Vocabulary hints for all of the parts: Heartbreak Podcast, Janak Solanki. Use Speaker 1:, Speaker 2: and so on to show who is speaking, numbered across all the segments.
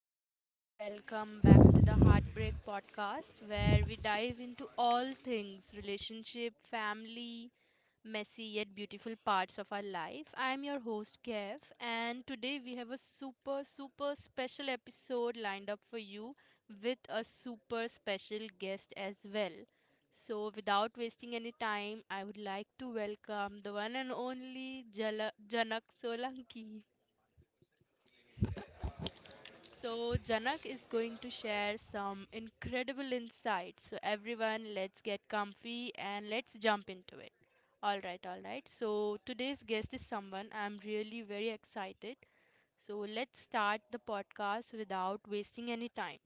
Speaker 1: everyone, welcome back to the Heartbreak Podcast, where we dive into all things relationship, family, messy yet beautiful parts of our life. I'm your host, Kev, and today we have a super, super special episode lined up for you with a super special guest as well. So, without wasting any time, I would like to welcome the one and only Janak Solanki. So, Janak is going to share some incredible insights. So, everyone, let's get comfy and let's jump into it. All right, all right. So, today's guest is someone I'm really very excited. So, let's start the podcast without wasting any time.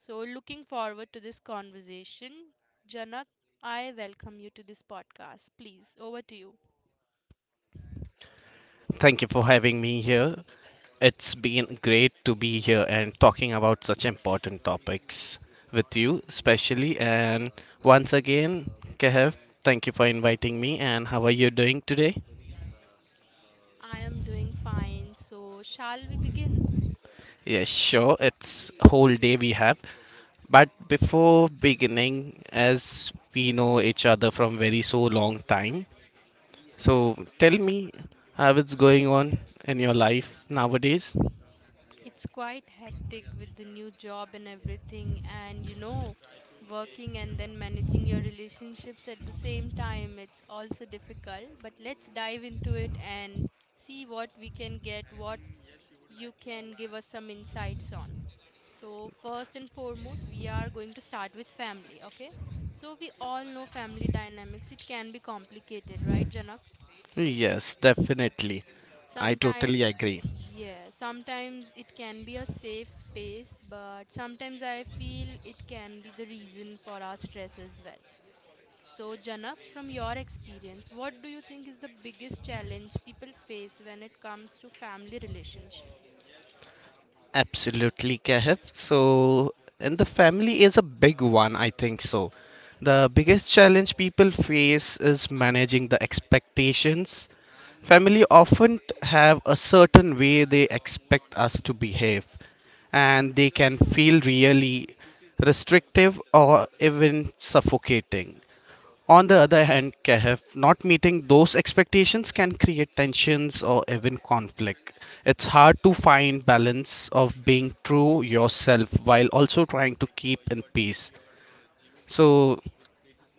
Speaker 1: So, looking forward to this conversation. Janak, I welcome you to this podcast. Please, over to you.
Speaker 2: Thank you for having me here. It's been great to be here and talking about such important topics with you, especially. And once again, Kehav, thank you for inviting me. And how are you doing today?
Speaker 1: I am doing fine. So, shall we begin?
Speaker 2: Yes, sure. It's whole day we have. But before beginning, as we know each other from very so long time, so tell me how it's going on in your life nowadays.
Speaker 1: It's quite hectic with the new job and everything, and working and then managing your relationships at the same time. It's also difficult, but let's dive into it and see what we can get, what you can give us some insights on. So, first and foremost, we are going to start with family, okay? So, we all know family dynamics. It can be complicated, right, Janak?
Speaker 2: Yes, definitely. I totally
Speaker 1: Sometimes,
Speaker 2: agree.
Speaker 1: yeah, sometimes it can be a safe space, but sometimes I feel it can be the reason for our stress as well. So, Janak, from your experience, what do you think is the biggest challenge people face when it comes to family relationship?
Speaker 2: Absolutely, Kehf. So, and the family is a big one, I think so. The biggest challenge people face is managing the expectations. Family often have a certain way they expect us to behave, and they can feel really restrictive or even suffocating. On the other hand, Kehf, not meeting those expectations can create tensions or even conflict. It's hard to find balance of being true yourself while also trying to keep in peace. So,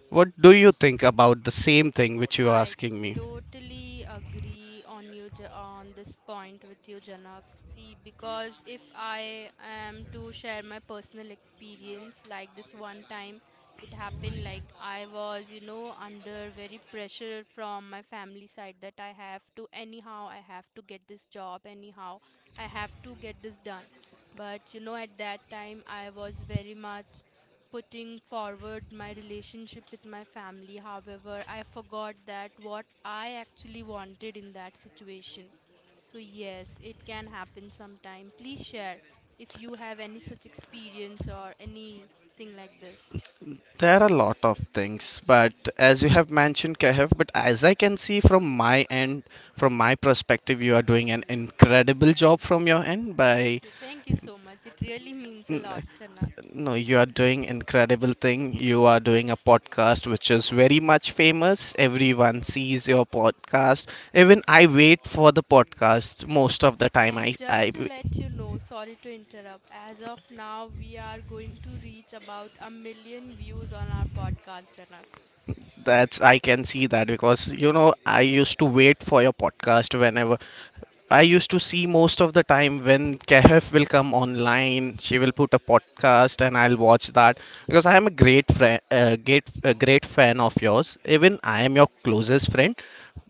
Speaker 2: what do you think about the same thing which you are
Speaker 1: I
Speaker 2: asking me?
Speaker 1: totally agree on you on this point with you, Janak. See, because if I am to share my personal experience, like this one time, it happened like I was, under very pressure from my family side, that I have to anyhow, I have to get this job anyhow, I have to get this done. But at that time, I was very much putting forward my relationship with my family. However, I forgot that what I actually wanted in that situation. So, yes, it can happen sometime. Please share if you have any such experience or anything like this.
Speaker 2: There are a lot of things, but as you have mentioned, Kehf, but as I can see from my end, from my perspective, you are doing an incredible job from your end by.
Speaker 1: Thank you. Thank you so much. It really means a lot, Janak.
Speaker 2: No, you are doing incredible thing. You are doing a podcast which is very much famous. Everyone sees your podcast. Even I wait for the podcast most of the time.
Speaker 1: And just
Speaker 2: I
Speaker 1: to let you know, sorry to interrupt, as of now, we are going to reach about a million views on our podcast, Janak.
Speaker 2: That's, I can see that, because I used to wait for your podcast whenever I used to see most of the time when KF will come online. She will put a podcast and I'll watch that, because I am a great friend, a great fan of yours. Even I am your closest friend.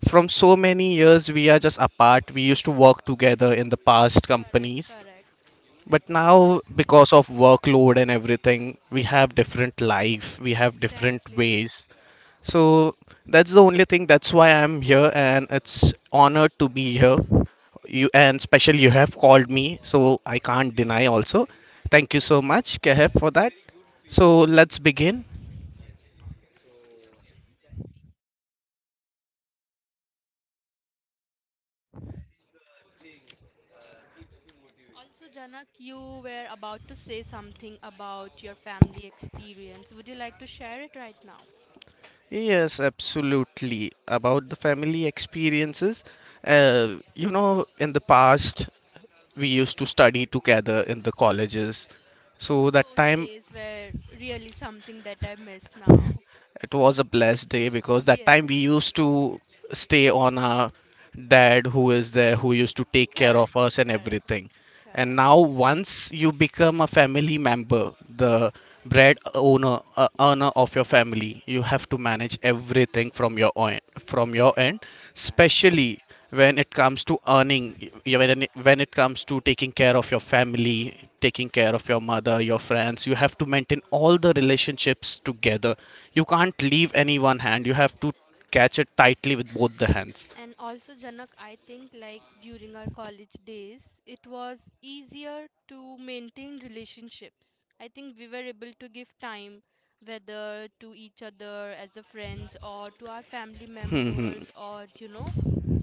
Speaker 2: From so many years we are just apart. We used to work together in the past
Speaker 1: Correct,
Speaker 2: companies,
Speaker 1: correct.
Speaker 2: but now because of workload and everything, we have different life, we have different
Speaker 1: Exactly.
Speaker 2: ways. So that's the only thing, that's why I'm here, and it's honored to be here. You and special, you have called me, so I can't deny also. Thank you so much, Kehef, for that. So let's begin.
Speaker 1: Also, Janak, you were about to say something about your family experience. Would you like to share it right now?
Speaker 2: Yes, absolutely. About the family experiences, in the past, we used to study together in the colleges. So that
Speaker 1: Those
Speaker 2: time.
Speaker 1: days were really something that I miss now.
Speaker 2: It was a blessed day, because that time we
Speaker 1: Yes.
Speaker 2: used to stay on our dad who is there, who used to take care
Speaker 1: Correct,
Speaker 2: of us and
Speaker 1: correct,
Speaker 2: everything. And
Speaker 1: correct,
Speaker 2: now, once you become a family member, the bread owner, earner of your family, you have to manage everything from your own, from your end,
Speaker 1: correct.
Speaker 2: especially when it comes to earning, when when it comes to taking care of your family, taking care of your mother, your friends, you have to maintain all the relationships together. You can't leave any one hand, you have to catch it tightly with both the hands.
Speaker 1: And also, Janak, I think like during our college days, it was easier to maintain relationships. I think we were able to give time, whether to each other as a friends or to our family
Speaker 2: Hmm, hmm.
Speaker 1: members,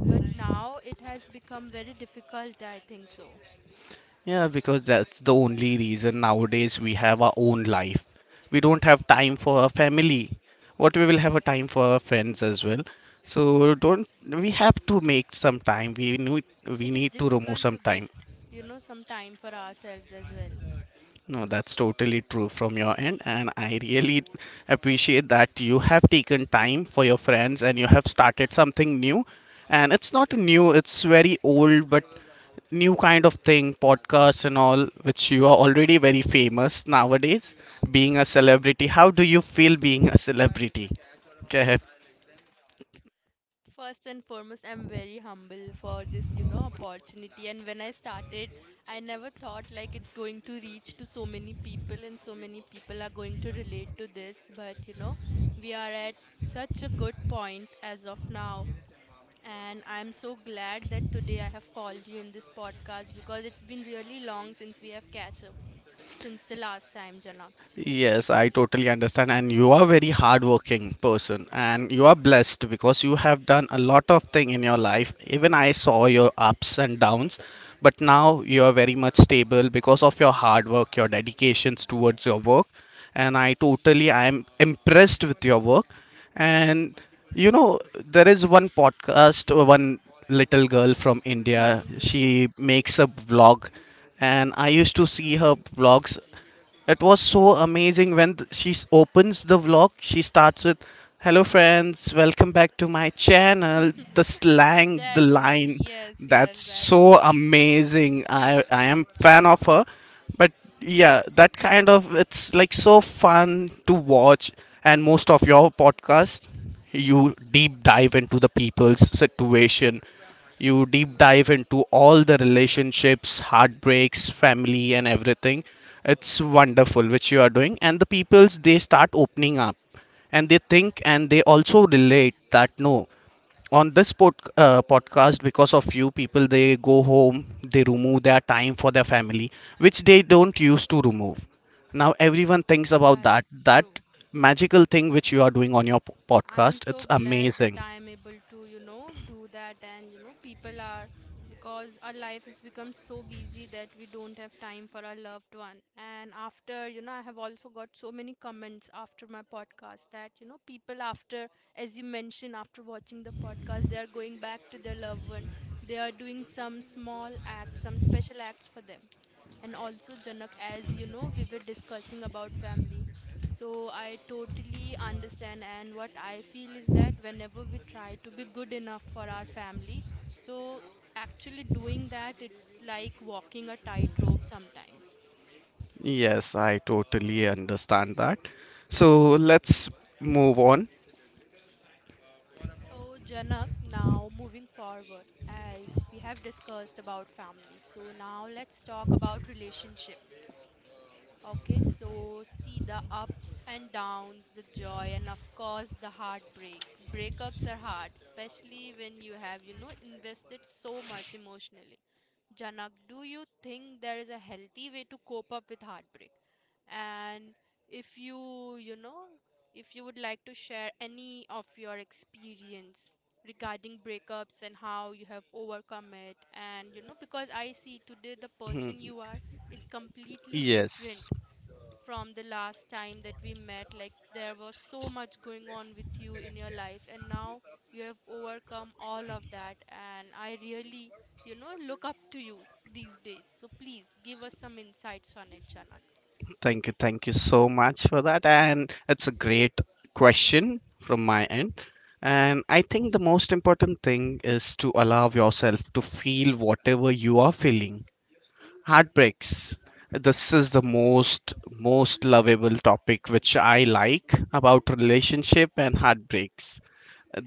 Speaker 1: but now it has become very difficult, I think so.
Speaker 2: Yeah, because that's the only reason nowadays we have our own life, we don't have time for our family. What, we will have a time for our friends as well? So don't, we have to make some time, we need we
Speaker 1: It is
Speaker 2: need to remove
Speaker 1: difficult
Speaker 2: some
Speaker 1: to get,
Speaker 2: time.
Speaker 1: some time for ourselves as well.
Speaker 2: No, that's totally true from your end, and I really appreciate that you have taken time for your friends and you have started something new. And it's not new, it's very old, but new kind of thing, podcasts and all, which you are already very famous nowadays. Being a celebrity, how do you feel being a celebrity? Okay.
Speaker 1: First and foremost, I'm very humble for this opportunity. And when I started, I never thought like it's going to reach to so many people, and so many people are going to relate to this. But we are at such a good point as of now. And I'm so glad that today I have called you in this podcast, because it's been really long since we have catch up since the last time, Janak.
Speaker 2: Yes, I totally understand. And you are very hardworking person and you are blessed because you have done a lot of thing in your life. Even I saw your ups and downs, but now you are very much stable because of your hard work, your dedications towards your work.
Speaker 1: Yes.
Speaker 2: And I am impressed with your work. And you know, there is one podcast, one little girl from India.
Speaker 1: Yes.
Speaker 2: She makes a vlog, and I used to see her vlogs. It was so amazing when opens the vlog. She starts with, "Hello friends, welcome back to my channel." The slang, the
Speaker 1: That was,
Speaker 2: line,
Speaker 1: yes, yes,
Speaker 2: that's
Speaker 1: that
Speaker 2: so
Speaker 1: was.
Speaker 2: amazing. I am fan of her, but yeah, that kind of, it's like so fun to watch. And most of your podcast, you deep dive into the people's situation, you deep dive into all the relationships, heartbreaks, family, and everything. It's wonderful which you are doing, and the peoples they start opening up, and they think, and they also relate that no, on this podcast, because of you, people they go home, they remove their time for their family which they don't used to remove. Now everyone thinks about that,
Speaker 1: Correct,
Speaker 2: that
Speaker 1: true.
Speaker 2: magical thing which you are doing on your
Speaker 1: I am
Speaker 2: podcast.
Speaker 1: so
Speaker 2: It's
Speaker 1: glad that
Speaker 2: amazing.
Speaker 1: I am able to do that, and people are, because our life has become so busy that we don't have time for our loved one. And after I have also got so many comments after my podcast that people, after, as you mentioned, after watching the podcast, they are going back to their loved one. They are doing some small act, some special acts for them. And also, Janak, as you know, we were discussing about family. So I totally understand, and what I feel is that whenever we try to be good enough for our family, so actually doing that, it's like walking a tightrope sometimes.
Speaker 2: Yes, I totally understand that. So let's move on.
Speaker 1: So, Janak, now moving forward, as we have discussed about family, so now let's talk about relationships. Okay, so see, the ups and downs, the joy, and of course the heartbreak. Breakups are hard, especially when you have invested so much emotionally. Janak, do you think there is a healthy way to cope up with heartbreak? And if you would like to share any of your experience regarding breakups, and how you have overcome it, and because I see today the
Speaker 2: Mhm.
Speaker 1: person you are is completely different
Speaker 2: Yes,
Speaker 1: from the last time that we met. Like, there was so much going on with you in your life, and now you have overcome all of that, and I really look up to you these days. So please give us some insights on it, Janak.
Speaker 2: thank you so much for that. And it's a great question from my end. And I think the most important thing is to allow yourself to feel whatever you are feeling. Heartbreaks, this is the most lovable topic which I like about relationship and heartbreaks.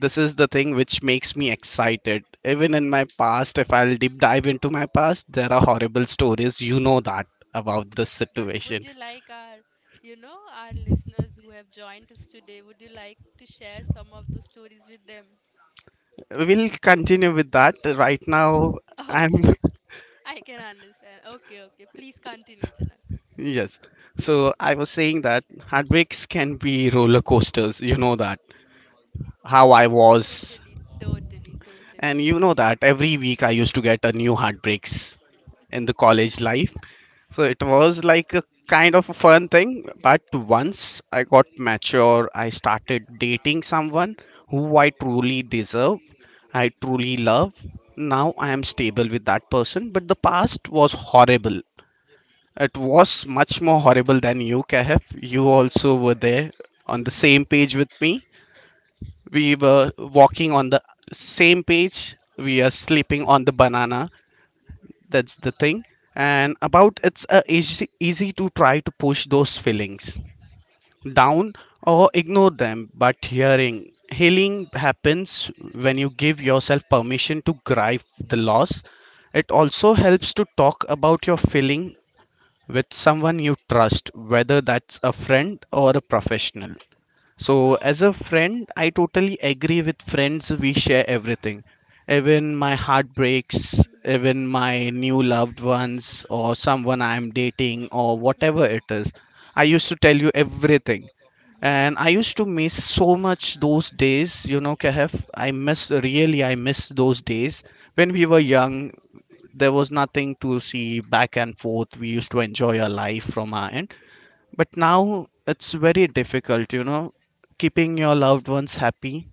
Speaker 2: This is the thing which makes me excited. Even in my past, if I'll deep dive into my past, there are horrible stories, you know that, about this
Speaker 1: Yes, but would
Speaker 2: situation.
Speaker 1: you like, our you know our listeners who have joined us today, would you like to share some of the stories with them?
Speaker 2: We'll continue with that right now. I'm
Speaker 1: Okay. I can understand. Okay, okay, please continue, Janak.
Speaker 2: yes, so I was saying that heartbreaks can be roller coasters, you know that, how I was.
Speaker 1: Totally, totally,
Speaker 2: And
Speaker 1: totally.
Speaker 2: you know that every week I used to get a new heartbreaks in the college life. So it was like a kind of a fun thing. But once I got mature, I started dating someone who I truly deserve, I truly love. Now I am stable with that person, but the past was horrible. It was much more horrible than you, Kehf. You also were there on the same page with me. We were walking on the same page. We are sleeping on the banana. That's the thing. And about it's easy to try to push those feelings down or ignore them. But hearing healing happens when you give yourself permission to grieve the loss. It also helps to talk about your feeling with someone you trust, whether that's a friend or a professional. So, as a
Speaker 1: From
Speaker 2: friend, I totally agree with friends. We share everything, even my heartbreaks,
Speaker 1: Mhm.
Speaker 2: even my new loved ones, or someone I'm dating, or whatever
Speaker 1: Mm-hmm.
Speaker 2: it is. I used to tell you everything. And I
Speaker 1: Yes.
Speaker 2: used to miss so much those days, Kehf. I miss, really, I miss those days. When we were young, there was nothing to see back and forth. We used to enjoy our life from our end. But now it's very difficult, keeping your loved ones happy.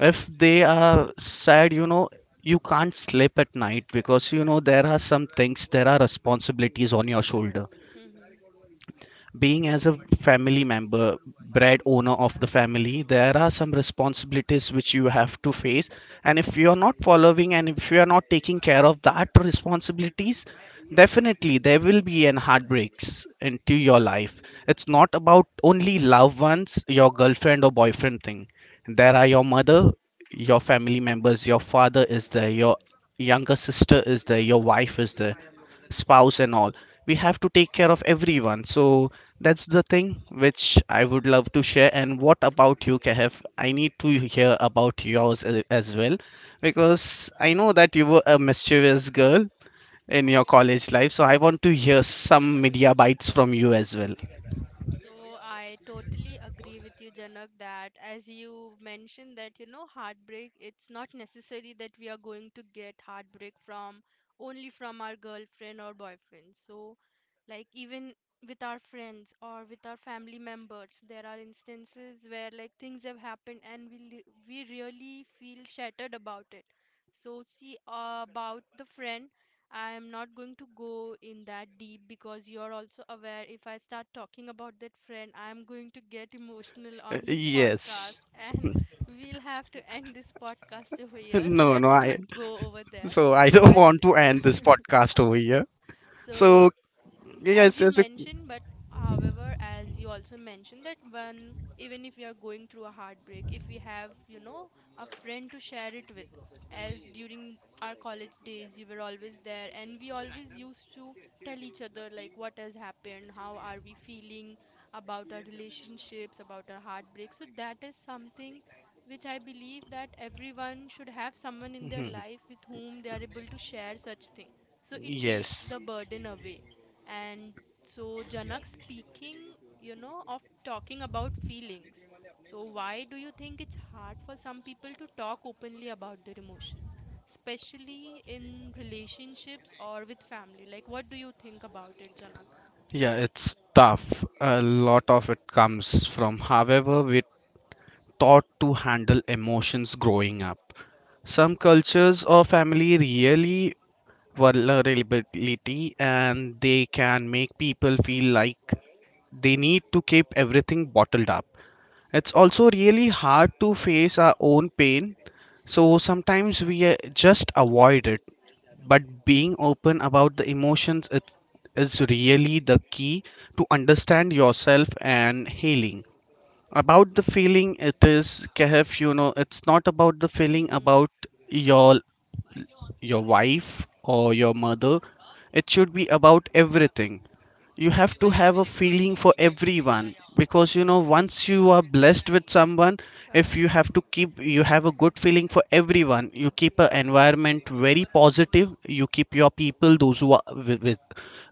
Speaker 2: If they are sad, you can't sleep at night, because there are some things, there are responsibilities on your shoulder,
Speaker 1: Mm-hmm.
Speaker 2: being as a family member, bread owner of the family. There are some responsibilities which you have to face, and if you are not following, and if you are not taking care of that responsibilities, definitely there will be an heartbreaks into your life. It's not about only loved ones, your girlfriend or boyfriend thing. There are your mother, your family members, your father is there, your younger sister is there, your wife is there, spouse and all. We have to take care of everyone. So that's the thing which I would love to share. And what about you, Kev? I need to hear about yours as well, because I know that you were a mischievous girl in your college life, so I want to hear some media bites from you as well.
Speaker 1: So I totally agree with you, Janak, that as you mentioned that heartbreak, it's not necessary that we are going to get heartbreak from only from our girlfriend or boyfriend. So, like, even with our friends or with our family members, there are instances where like things have happened, and we really feel shattered about it. So see, about the friend. I am not going to go in that deep, because you're also aware, if I start talking about that friend, I'm going to get emotional on this
Speaker 2: Yes,
Speaker 1: podcast, and we'll have to end this podcast over here. So
Speaker 2: no, no,
Speaker 1: let's
Speaker 2: I
Speaker 1: not go over there.
Speaker 2: so I don't
Speaker 1: But
Speaker 2: want to end this podcast over here.
Speaker 1: so,
Speaker 2: So
Speaker 1: as
Speaker 2: yes,
Speaker 1: you
Speaker 2: yes,
Speaker 1: mentioned, but however, as you also mentioned, that when, even if we are going through a heartbreak, if we have a friend to share it with, as during our college days, you were always there, and we always used to tell each other like what has happened, how are we feeling about our relationships, about our heartbreak. So that is something which I believe that everyone should have someone in their
Speaker 2: Mhm.
Speaker 1: life with whom they are able to share such thing, so it takes
Speaker 2: Yes.
Speaker 1: the burden away. And so, Janak, speaking of talking about feelings. So, why do you think it's hard for some people to talk openly about their emotions, especially in relationships or with family? Like, what do you think about it, Janak?
Speaker 2: Yeah, it's tough. A lot of it comes from however we're taught to handle emotions growing up. Some cultures or family really vulnerability, and they can make people feel like they need to keep everything bottled up. It's also really hard to face our own pain, so sometimes we just avoid it. But being open about the emotions, it is really the key to understand yourself and healing. About the feeling, it is Kehf, you know, it's not about the feeling
Speaker 1: Mm-hmm.
Speaker 2: about your your wife or your mother. It should be about everything. You have to have a feeling for everyone, because you know, once you are blessed with someone, if you have
Speaker 1: Correct.
Speaker 2: to keep, you have a good feeling for everyone, you keep an environment very positive. You keep your people, those who are with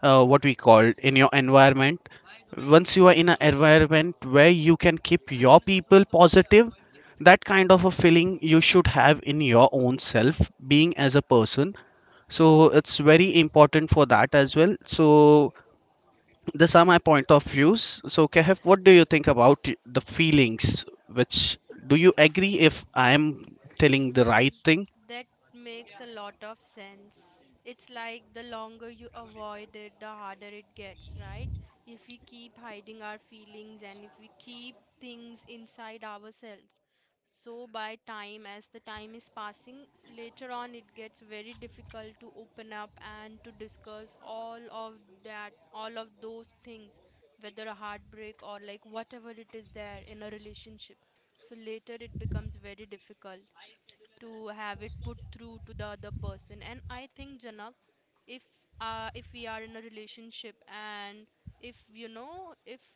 Speaker 2: what we call in your environment. Once you are in an environment where you can keep your people positive, that kind of a feeling you should have in your own self, being as a person. So it's very important for that as well. So these are my point of views. So Kehef, what do you think about the feelings, which, do you agree if I am telling the right
Speaker 1: Mm,
Speaker 2: thing?
Speaker 1: that makes a lot of sense. It's like the longer you avoid it, the harder it gets, right? If we keep hiding our feelings, and if we keep things inside ourselves. So by time, as the time is passing, later on it gets very difficult to open up and to discuss all of that, all of those things, whether a heartbreak or like whatever it is there in a relationship. So later it becomes very difficult to have it put through to the other person. And I think, Janak, if if we are in a relationship, and if you know if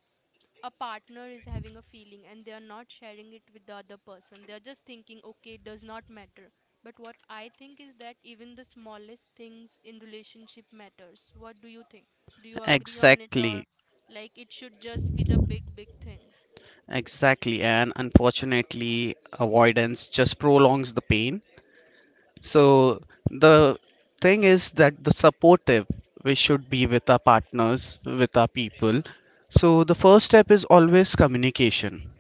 Speaker 1: a partner is having a feeling and they are not sharing it with the other person, they are just thinking, okay, it does not matter. But what I think is that even the smallest things in relationship matters. What do you think? Do you agree on it? Or
Speaker 2: Exactly.
Speaker 1: like, it should just be the big, big things?
Speaker 2: Exactly, and unfortunately, avoidance just prolongs the pain. So the thing is that the supportive, we should be with our partners, with our people. So the first step is always communication.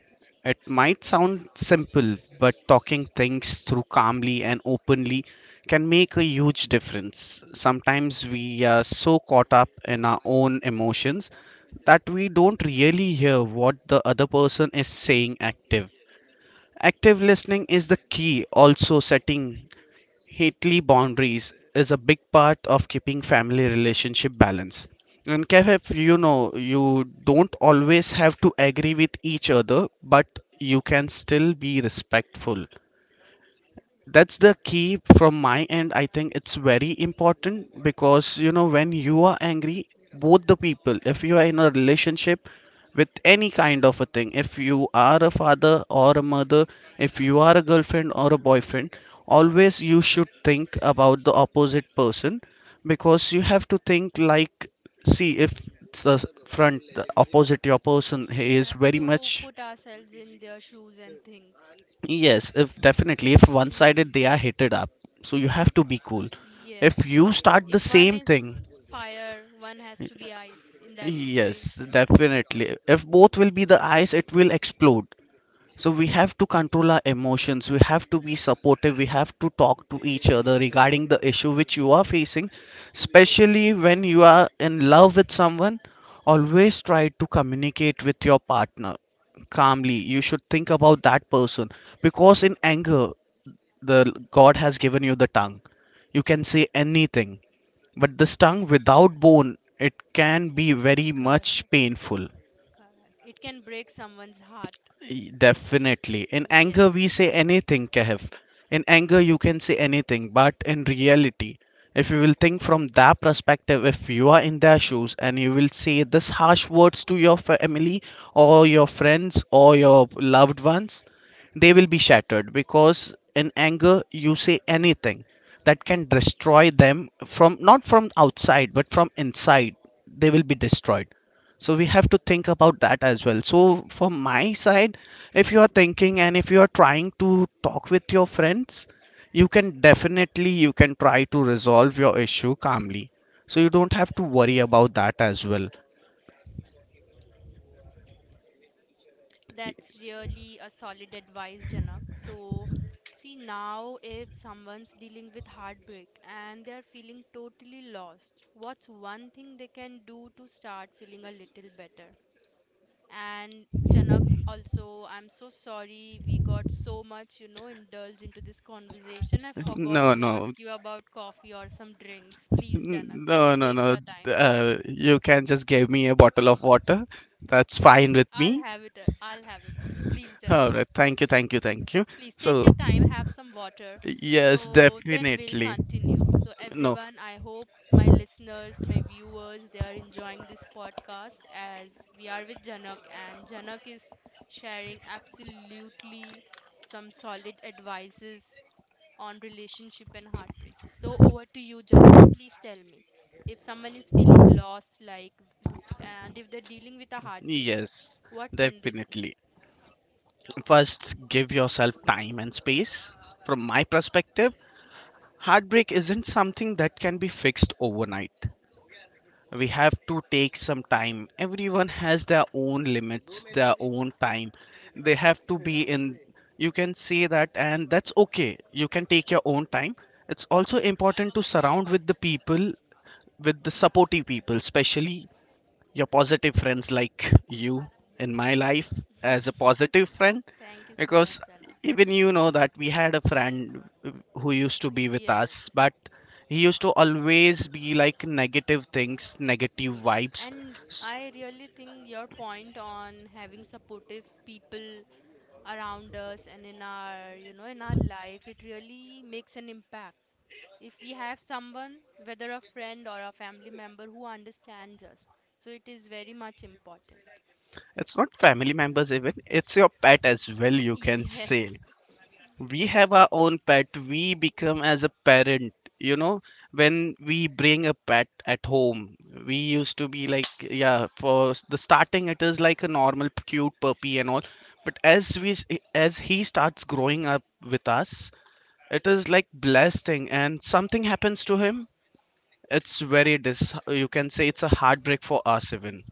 Speaker 2: It might sound simple, but talking things through calmly and openly can make a huge difference. Sometimes we are so caught up in our own emotions that we don't really hear what the other person is saying. Active listening is the key. Also, setting healthy boundaries is a big part of keeping family relationship balance. And Kevin, you know, you don't always have to agree with each other, but you can still be respectful. That's the key from my end. I think it's very important, because you know, when you are angry, both the people, if you are in a relationship with any kind of a thing, if you are a father or a mother, if you are a girlfriend or a boyfriend, always you should think about the opposite person, because you have to think like, see if the front, the opposite, your person,
Speaker 1: We
Speaker 2: he is
Speaker 1: have
Speaker 2: very much.
Speaker 1: to put ourselves in their shoes and think.
Speaker 2: Yes, if definitely if one
Speaker 1: Hmm.
Speaker 2: sided they are heated up. So you have to be cool.
Speaker 1: Yes.
Speaker 2: If you start the
Speaker 1: If one
Speaker 2: same
Speaker 1: is
Speaker 2: thing,
Speaker 1: fire, one has to be ice in that
Speaker 2: yes,
Speaker 1: situation.
Speaker 2: definitely. If both will be the eyes, it will explode. So we have to control our emotions. We have to be supportive. We have to talk to each other regarding the issue which you are facing, especially when you are in love with someone. Always try to communicate with your partner calmly. You should think about that person, because in anger, the god has given you the tongue, you can say anything, but this tongue without bone, it can be very much
Speaker 1: Correct,
Speaker 2: painful.
Speaker 1: correct. It can break someone's heart.
Speaker 2: Definitely. In anger,
Speaker 1: Yes,
Speaker 2: we say anything, Kehf. In anger, you can say anything, but in reality, if you will think from that perspective, if you are in their shoes and you will say this harsh words to your family or your friends or your loved ones, they will be shattered, because in anger you say anything that can destroy them, from not from outside but from inside, they will be destroyed. So we have to think about that as well. So from my side, if you are thinking and if you are trying to talk with your friends, you can definitely, you can try to resolve your issue calmly, so you don't have to worry about that as well.
Speaker 1: that's really a solid advice, Janak. So, see, now if someone's dealing with heartbreak and they're feeling totally lost, what's one thing they can do to start feeling a little better? And Janak, also, I'm so sorry we got so much indulged into this conversation. I forgot
Speaker 2: No,
Speaker 1: to
Speaker 2: no.
Speaker 1: ask you about coffee or some drinks. Please, Janak,
Speaker 2: No,
Speaker 1: please
Speaker 2: no,
Speaker 1: take
Speaker 2: no.
Speaker 1: your time.
Speaker 2: You can just give me a bottle of water. That's
Speaker 1: Of
Speaker 2: fine
Speaker 1: course,
Speaker 2: with
Speaker 1: I'll
Speaker 2: me.
Speaker 1: have it. I'll have it for you. Please, Janak,
Speaker 2: All right.
Speaker 1: please.
Speaker 2: Thank you, thank you, thank you.
Speaker 1: Please take
Speaker 2: So,
Speaker 1: your time, have some water.
Speaker 2: yes,
Speaker 1: So then we'll
Speaker 2: definitely.
Speaker 1: continue. So,
Speaker 2: No,
Speaker 1: everyone, I hope my listeners, my viewers, they are enjoying this podcast, as we are with Janak, and Janak is sharing absolutely some solid advices on relationship and heartbreak. So, over to you, Janak. Please tell me, if someone is feeling lost, like, and if they're dealing with a heartbreak,
Speaker 2: yes,
Speaker 1: what can they do?
Speaker 2: definitely. First, give yourself time and space. From my perspective, heartbreak isn't something that can be fixed overnight. We have to take some time. Everyone has their own limits, their own time. They have to be in, you can say that, and that's okay, you can take your own time. It's also important to surround with the people, with the supportive people, especially your positive friends like you in my life, as a positive friend.
Speaker 1: Thank you so much,
Speaker 2: Because
Speaker 1: Janak.
Speaker 2: even you know that we had a friend who used to be with
Speaker 1: Yes,
Speaker 2: us, but he used to always be like negative things, negative
Speaker 1: yes,
Speaker 2: vibes.
Speaker 1: and
Speaker 2: S-
Speaker 1: I really think your point on having supportive people around us and in our life, it really makes an impact. If we have someone, whether a friend or a family member who understands us, so it is very much important.
Speaker 2: it's not family members even, it's your pet as well, you can
Speaker 1: Yes.
Speaker 2: say. We have our own pet, we become as a parent. You know, when we bring a pet at home, we used to be like, yeah, for the starting it is like a normal cute puppy and all, but as we as he starts growing up with us, it is like blessing. And something happens to him, it's very dis you can say it's a heartbreak for us
Speaker 1: And
Speaker 2: even.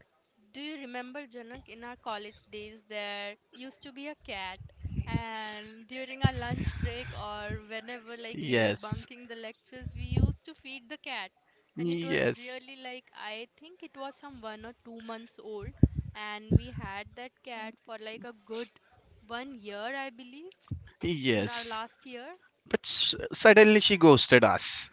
Speaker 1: do you remember, Janak, in our college days, there used to be a cat, and during our lunch break or whenever we were
Speaker 2: Yes.
Speaker 1: bunking the lectures, we used to feed the cat. And it was
Speaker 2: Yes.
Speaker 1: really I think it was some 1 or 2 months old, and we had that cat for like a good 1 year, I believe, in our
Speaker 2: Yes,
Speaker 1: last year.
Speaker 2: but suddenly she ghosted us.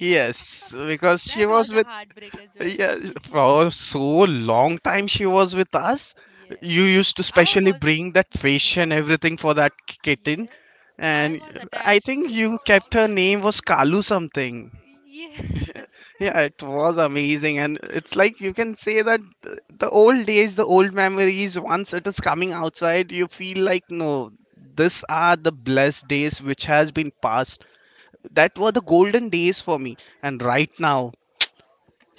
Speaker 2: Yes, because she
Speaker 1: That
Speaker 2: was
Speaker 1: was a
Speaker 2: with,
Speaker 1: heartbreak as well.
Speaker 2: yeah, for so long time she was with us.
Speaker 1: Yes.
Speaker 2: You used to
Speaker 1: I
Speaker 2: specially
Speaker 1: was,
Speaker 2: bring that fish and
Speaker 1: yes.
Speaker 2: everything for that kitten,
Speaker 1: Yes, I
Speaker 2: and
Speaker 1: was
Speaker 2: I
Speaker 1: attached to
Speaker 2: think
Speaker 1: it.
Speaker 2: you kept her name was Kalu something.
Speaker 1: Yes.
Speaker 2: Yeah, it was amazing, and it's like you can say that the old days, the old memories. Once it is coming outside, you feel like no, these are the blessed days which has been passed. That were the golden days for me, and right now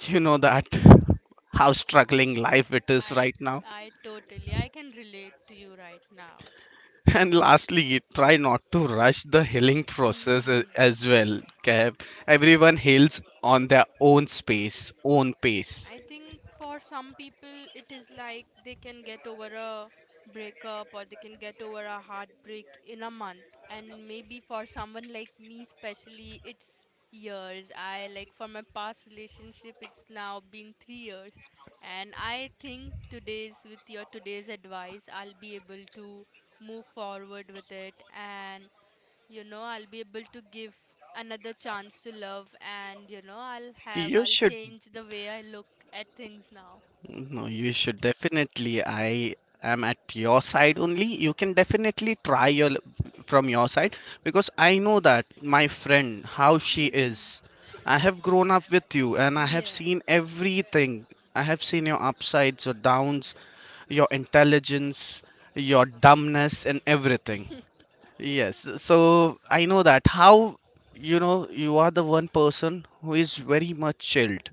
Speaker 2: you know that how struggling life it is
Speaker 1: I
Speaker 2: right now.
Speaker 1: I totally I can relate to you right now.
Speaker 2: And lastly, try not to rush the healing
Speaker 1: Hmm,
Speaker 2: process
Speaker 1: hmm, hmm.
Speaker 2: as well, okay? Everyone heals on their own space, own pace.
Speaker 1: I think for some people, it is like they can get over a breakup or they can get over a heartbreak in a month. And maybe for someone like me, especially, it's years. I, like, for my past relationship, it's now been 3 years. And I think today's, with your today's advice, I'll be able to move forward with it. And you know, I'll be able to give another chance to love. And you know, i'll have
Speaker 2: You
Speaker 1: i'll
Speaker 2: should.
Speaker 1: change the way I look at things now.
Speaker 2: No, you should definitely. I am at your side only. You can definitely try your, from your side, because I know that my friend, how she
Speaker 1: Hmm.
Speaker 2: is. I have grown up with you and I have seen
Speaker 1: Yes.
Speaker 2: everything. I have seen your upsides, your downs, your intelligence, your dumbness and everything. Yes. So I know that how, you know, you are the one person who is very much chilled.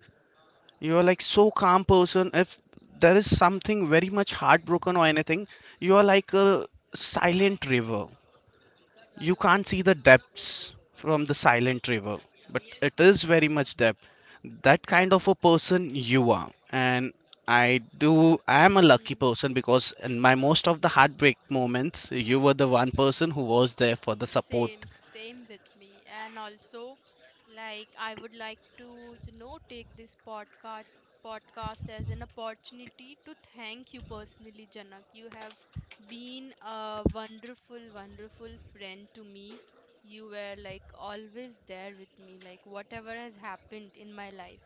Speaker 2: You are like so calm person. If there is something very much heartbroken or anything, you are like a silent river. You can't see the depths from the silent river, but it is very much depth. That kind of a person you are. And I do, I am a lucky
Speaker 1: Mm.
Speaker 2: person, because in my most of the heartbreak moments, you were the one person who was there for the support.
Speaker 1: Same, same with me. And also, like, I would like to, you know, take this podcast as an opportunity to thank you personally, Janak. You have been a wonderful, wonderful friend to me. You were like always there with me, like whatever has happened in my life,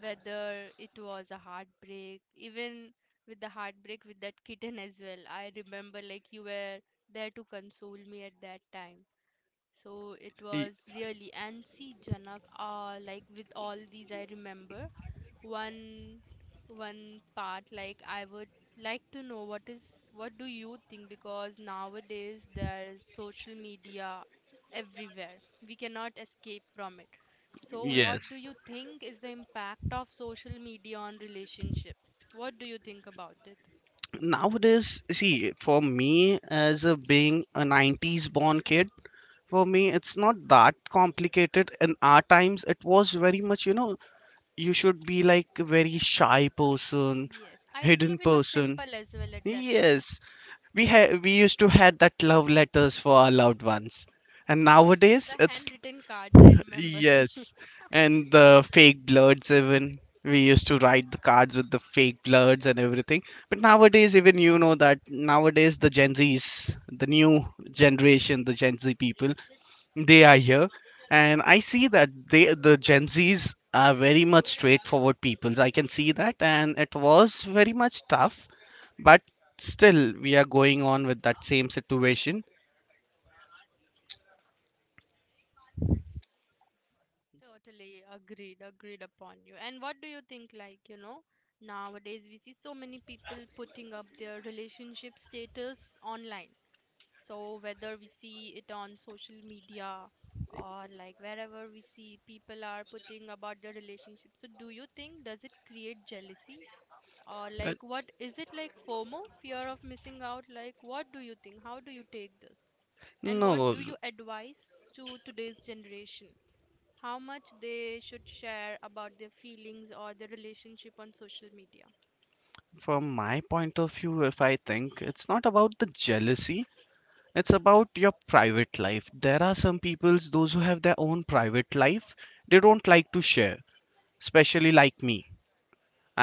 Speaker 1: whether it was a heartbreak, even with the heartbreak with that kitten as well. I remember like you were there to console me at that time. So it
Speaker 2: Y-
Speaker 1: was really, and see Janak, like with all these, I remember one one part, like I would like to know what is, what do you think, because nowadays there is social media everywhere. We cannot escape from it. So what do
Speaker 2: yes.
Speaker 1: you think is the impact of social media on relationships? What do you think about it?
Speaker 2: Nowadays, see, for me, as a being a 90s born kid, for me it's not that complicated. In our times, it was very much, you know, you should be like a very shy person,
Speaker 1: Yes, I
Speaker 2: hidden
Speaker 1: believe it was
Speaker 2: person.
Speaker 1: simple as well at that time.
Speaker 2: Yes, we used to had that love letters for our loved ones. And nowadays
Speaker 1: The
Speaker 2: it's,
Speaker 1: handwritten cards, I remember.
Speaker 2: yes, and the fake bloods even, we used to write the cards with the fake bloods and everything. But nowadays, even you know that nowadays the gen z's, the new generation, the gen z people, they are here. And I see that they, the gen z's are very much straightforward peoples, I can see that. And it was very much tough, but still we are going on with that same situation.
Speaker 1: Totally agreed, agreed upon you. And what do you think, like, you know, nowadays we see so many people putting up their relationship status online. So whether we see it on social media or like wherever we see people are putting about their relationship. So do you think, does it create jealousy? Or
Speaker 2: Uh,
Speaker 1: like what is it, like FOMO, fear of missing out? Like what do you think? How do you take this? And what
Speaker 2: no,
Speaker 1: do you advise to today's generation? How much they should share about their feelings or their relationship on social media?
Speaker 2: from my point of view, if I think, it's not about the jealousy, it's about your private life. There are some peoples those who have their own private life, they don't like to share, especially like me.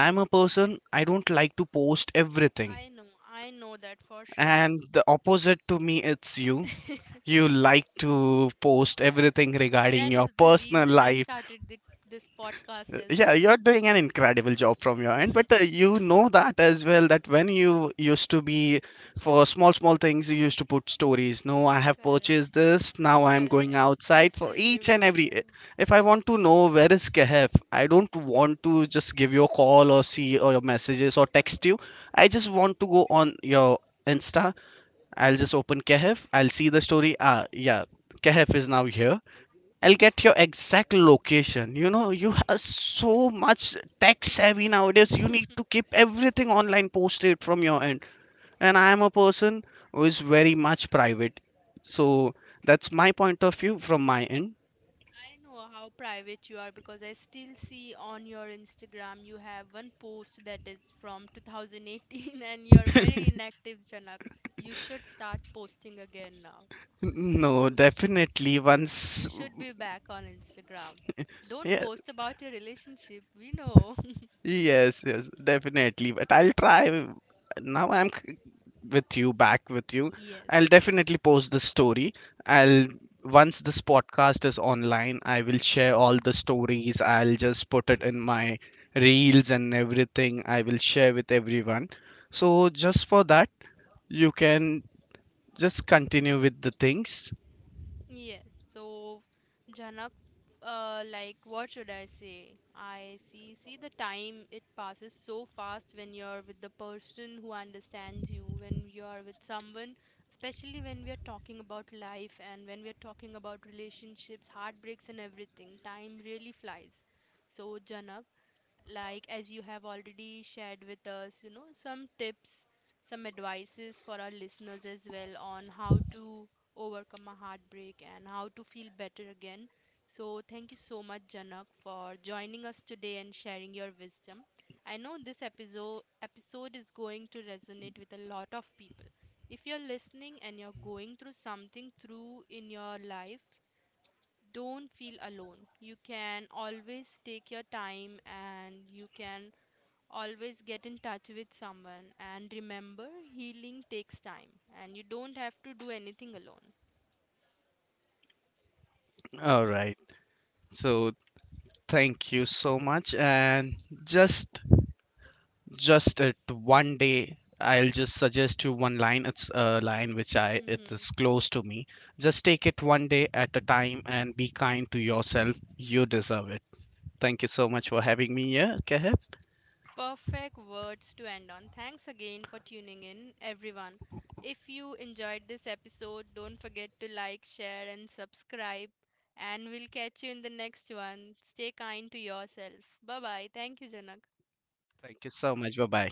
Speaker 2: I am a person, I don't like to post everything.
Speaker 1: I know that for sure.
Speaker 2: And the opposite to me, it's you. You like to post everything regarding
Speaker 1: That
Speaker 2: your
Speaker 1: is the
Speaker 2: personal
Speaker 1: reason I
Speaker 2: life.
Speaker 1: started the, this podcast as
Speaker 2: Yeah,
Speaker 1: well.
Speaker 2: you're doing an incredible job from your end, but you know that as well that when you used to be, for small, small things, you used to put stories. No, I have purchased
Speaker 1: Correct,
Speaker 2: this. Now I'm going
Speaker 1: correct. I
Speaker 2: outside for
Speaker 1: still
Speaker 2: each and every.
Speaker 1: remember.
Speaker 2: If I want to know where is Kehf, I don't want to just give you a call or see or your messages or text you. I just want to go on your Insta. I'll just open Kehf. I'll see the story. Ah, yeah, Kehf is now here. I'll get your exact location. You know, you have so much tech savvy nowadays. You need to keep everything online posted from your end. And I am a person who is very much private. So that's my point of view from my end.
Speaker 1: I know how private you are because I still see on your Instagram you have one post that is from 2018 and you're very inactive, Janak. You should start posting again now.
Speaker 2: No, definitely. Once,
Speaker 1: You should be back on Instagram. Don't
Speaker 2: yeah,
Speaker 1: post about your relationship, we know.
Speaker 2: yes, yes, definitely. But I'll try. Now I'm with you, back with you.
Speaker 1: Yes.
Speaker 2: I'll definitely post the story. I'll, once this podcast is online, I will share all the stories. I'll just put it in my reels and everything. I will share with everyone. So just for that, you can just continue with the things.
Speaker 1: Yes, so Janak, like what should I say? I see the time it passes so fast when you're with the person who understands you, when you are with someone, especially when we are talking about life and when we are talking about relationships, heartbreaks and everything. Time really flies. So Janak, like as you have already shared with us, you know, some tips, some advices for our listeners as well on how to overcome a heartbreak and how to feel better again. So, thank you so much, Janak, for joining us today and sharing your wisdom. I know this episode is going to resonate with a lot of people. If you're listening and you're going through something through in your life, don't feel alone. You can always take your time and you can always get in touch with someone. And remember, healing takes time and you don't have to do anything alone.
Speaker 2: All right. So thank you so much, and just just it one day, I'll just suggest you one line. It's a line which I, it
Speaker 1: Hmm.
Speaker 2: is close to me. Just take it one day at a time, and be kind to yourself. You deserve it. Thank you so much for having me here, Keheb.
Speaker 1: Perfect words to end on. Thanks again for tuning in, everyone. If you enjoyed this episode, don't forget to like, share, and subscribe. And we'll catch you in the next one. Stay kind to yourself. Bye bye. Thank you, Janak.
Speaker 2: Thank you so much. Bye bye.